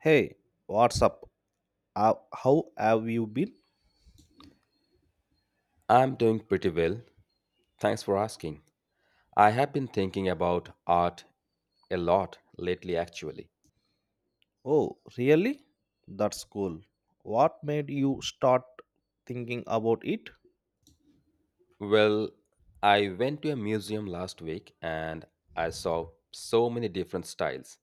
Hey, what's up? How have you been? I'm doing pretty well. Thanks for asking. I have been thinking about art a lot lately, actually. Oh, really? That's cool. What made you start thinking about it? Well, I went to a museum last week and I saw so many different styles.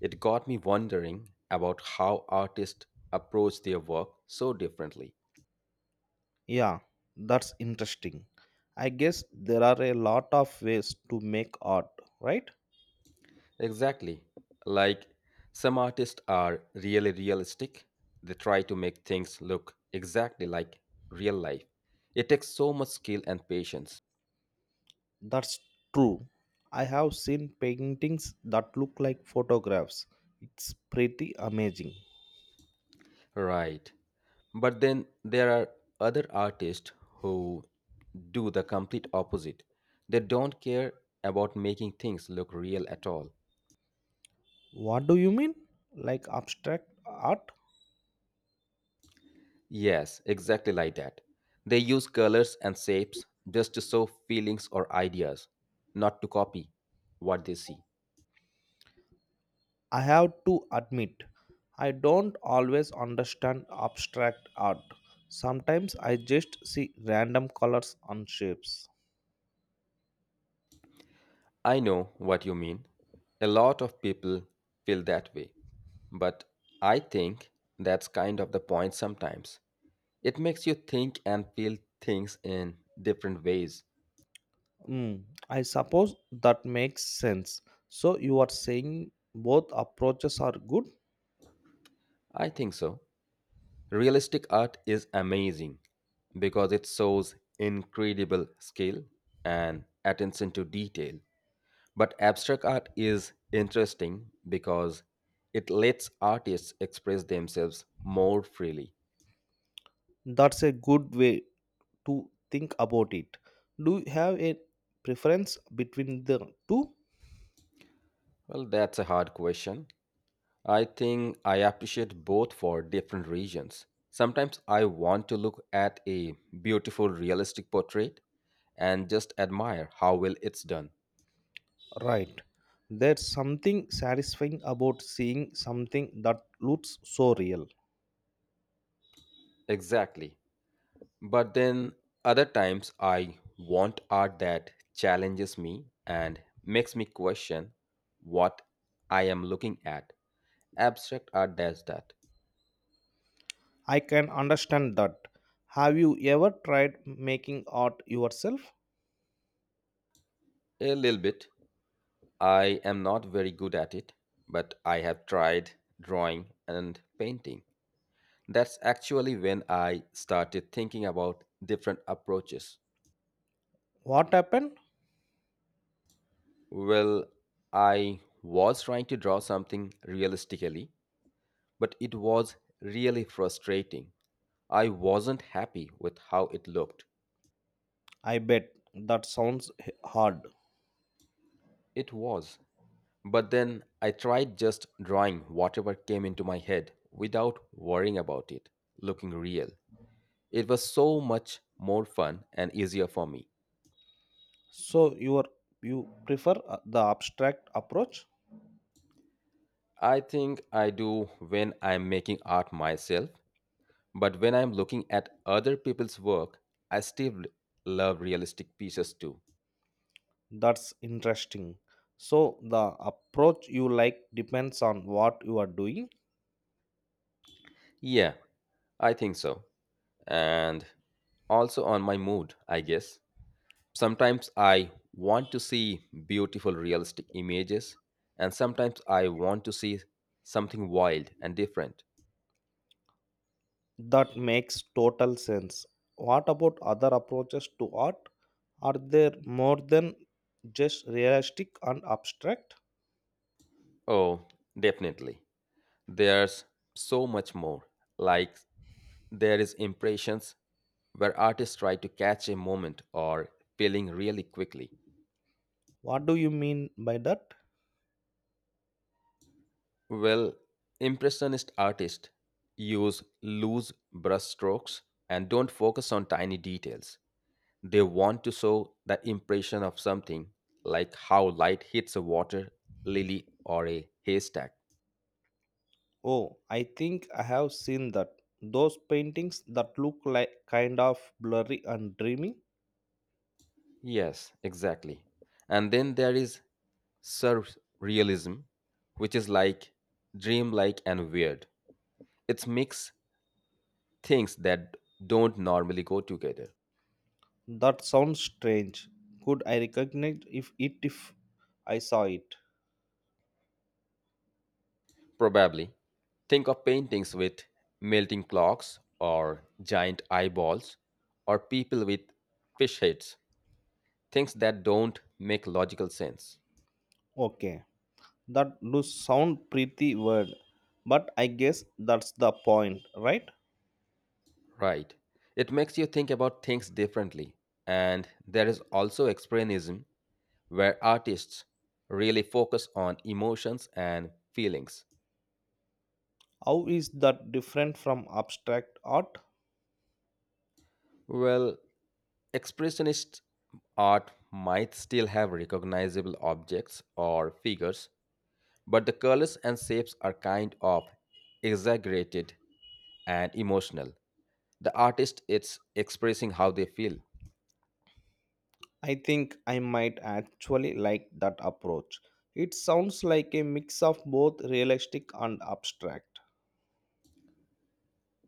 It got me wondering about how artists approach their work so differently. Yeah, that's interesting. I guess there are a lot of ways to make art, right? Exactly. Like, some artists are really realistic, they try to make things look exactly like real life. It takes so much skill and patience. That's true. I have seen paintings that look like photographs. It's pretty amazing. Right. But then there are other artists who do the complete opposite. They don't care about making things look real at all. What do you mean? Like abstract art? Yes, exactly like that. They use colors and shapes just to show feelings or ideas, not to copy what they see. I have to admit, I don't always understand abstract art. Sometimes I just see random colors and shapes. I know what you mean. A lot of people feel that way. But I think that's kind of the point sometimes. It makes you think and feel things in different ways. Hmm, I suppose that makes sense. So you are saying both approaches are good? I think so. Realistic art is amazing because it shows incredible skill and attention to detail. But abstract art is interesting because it lets artists express themselves more freely. That's a good way to think about it. Do you have a preference between the two? Well, that's a hard question. I think I appreciate both for different reasons. Sometimes I want to look at a beautiful, realistic portrait and just admire how well it's done. Right. There's something satisfying about seeing something that looks so real. Exactly. But then other times I want art that challenges me and makes me question what I am looking at. Abstract art does that. I can understand that. Have you ever tried making art yourself? A little bit. I am not very good at it, but I have tried drawing and painting. That's actually when I started thinking about different approaches. What happened? Well, I was trying to draw something realistically, but it was really frustrating. I wasn't happy with how it looked. I bet that sounds hard. It was. But then I tried just drawing whatever came into my head without worrying about it looking real. It was so much more fun and easier for me. So you are, you prefer the abstract approach? I think I do when I'm making art myself. But when I'm looking at other people's work, I still love realistic pieces too. That's interesting. So the approach you like depends on what you are doing. Yeah, I think so. And also on my mood, I guess. Sometimes I want to see beautiful realistic images, and sometimes I want to see something wild and different. That makes total sense. What about other approaches to art? Are there more than just realistic and abstract? Oh, definitely. There's so much more. Like, there is impressions where artists try to catch a moment or feeling really quickly. What do you mean by that? Well, Impressionist artists use loose brushstrokes and don't focus on tiny details. They want to show the impression of something, like how light hits a water lily or a haystack. Oh, I think I have seen that. Those paintings that look like kind of blurry and dreamy. Yes, exactly. And then there is surrealism, which is like dreamlike and weird. It's mix things that don't normally go together. That sounds strange. Could I recognize if I saw it? Probably. Think of paintings with melting clocks or giant eyeballs or people with fish heads. Things that don't make logical sense. Okay. That does sound pretty weird. But I guess that's the point, right? Right. It makes you think about things differently. And there is also expressionism, where artists really focus on emotions and feelings. How is that different from abstract art? Well, expressionist art might still have recognizable objects or figures, but the colors and shapes are kind of exaggerated and emotional. The artist is expressing how they feel. I think I might actually like that approach. It sounds like a mix of both realistic and abstract.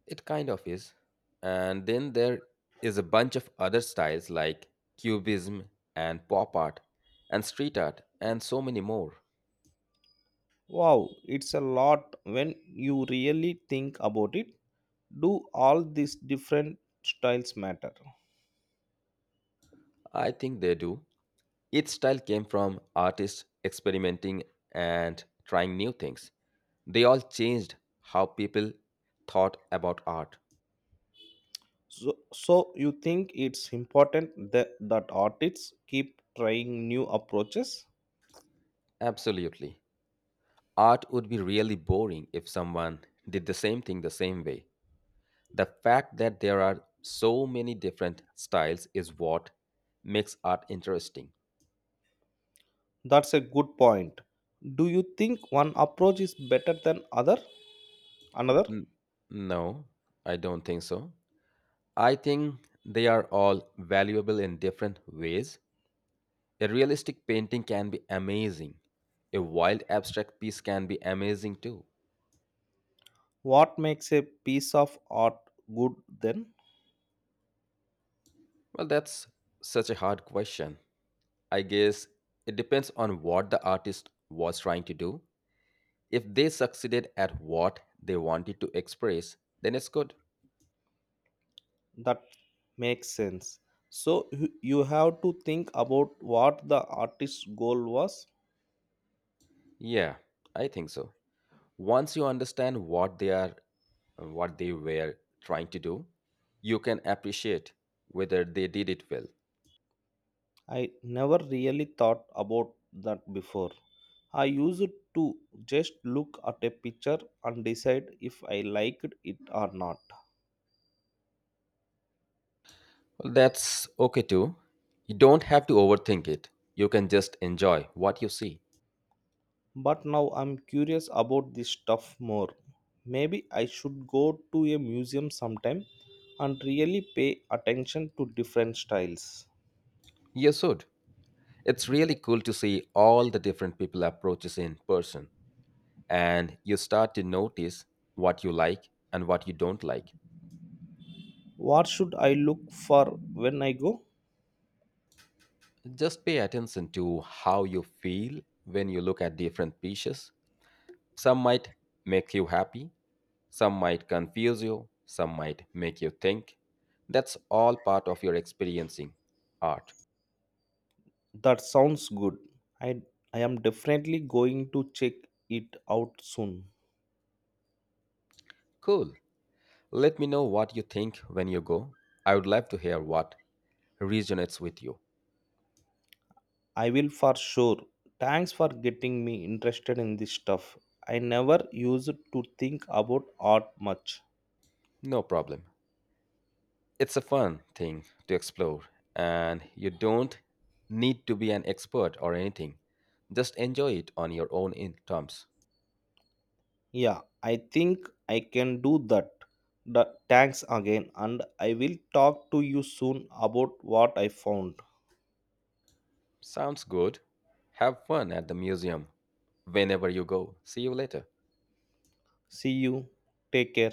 It kind of is. And then there is a bunch of other styles like cubism and pop art and street art and so many more. Wow, it's a lot when you really think about it. Do all these different styles matter? I think they do. Each style came from artists experimenting and trying new things. They all changed how people thought about art. So you think it's important that artists keep trying new approaches? Absolutely. Art would be really boring if someone did the same thing the same way. The fact that there are so many different styles is what makes art interesting. That's a good point. Do you think one approach is better than other? Another? N- no, I don't think so. I think they are all valuable in different ways. A realistic painting can be amazing. A wild abstract piece can be amazing too. What makes a piece of art good then? Well, that's such a hard question. I guess it depends on what the artist was trying to do. If they succeeded at what they wanted to express, then it's good. That makes sense. So you have to think about what the artist's goal was. Yeah, I think so. Once you understand what they were trying to do, you can appreciate whether they did it well. I never really thought about that before. I used to just look at a picture and decide if I liked it or not. Well, that's okay too. You don't have to overthink it. You can just enjoy what you see. But now I'm curious about this stuff more. Maybe I should go to a museum sometime and really pay attention to different styles. You should. It's really cool to see all the different people approaches in person, and you start to notice what you like and what you don't like. What should I look for when I go? Just pay attention to how you feel when you look at different pieces. Some might make you happy, some might confuse you, some might make you think. That's all part of your experiencing art. That sounds good. I, I am definitely going to check it out soon. Cool. Let me know what you think when you go. I would love to hear what resonates with you. I will for sure. Thanks for getting me interested in this stuff. I never used to think about art much. No problem. It's a fun thing to explore, and you don't need to be an expert or anything. Just enjoy it on your own in terms. Yeah, I think I can do that. Thanks again, and I will talk to you soon about what I found. Sounds good. Have fun at the museum whenever you go. See you later. See you. Take care.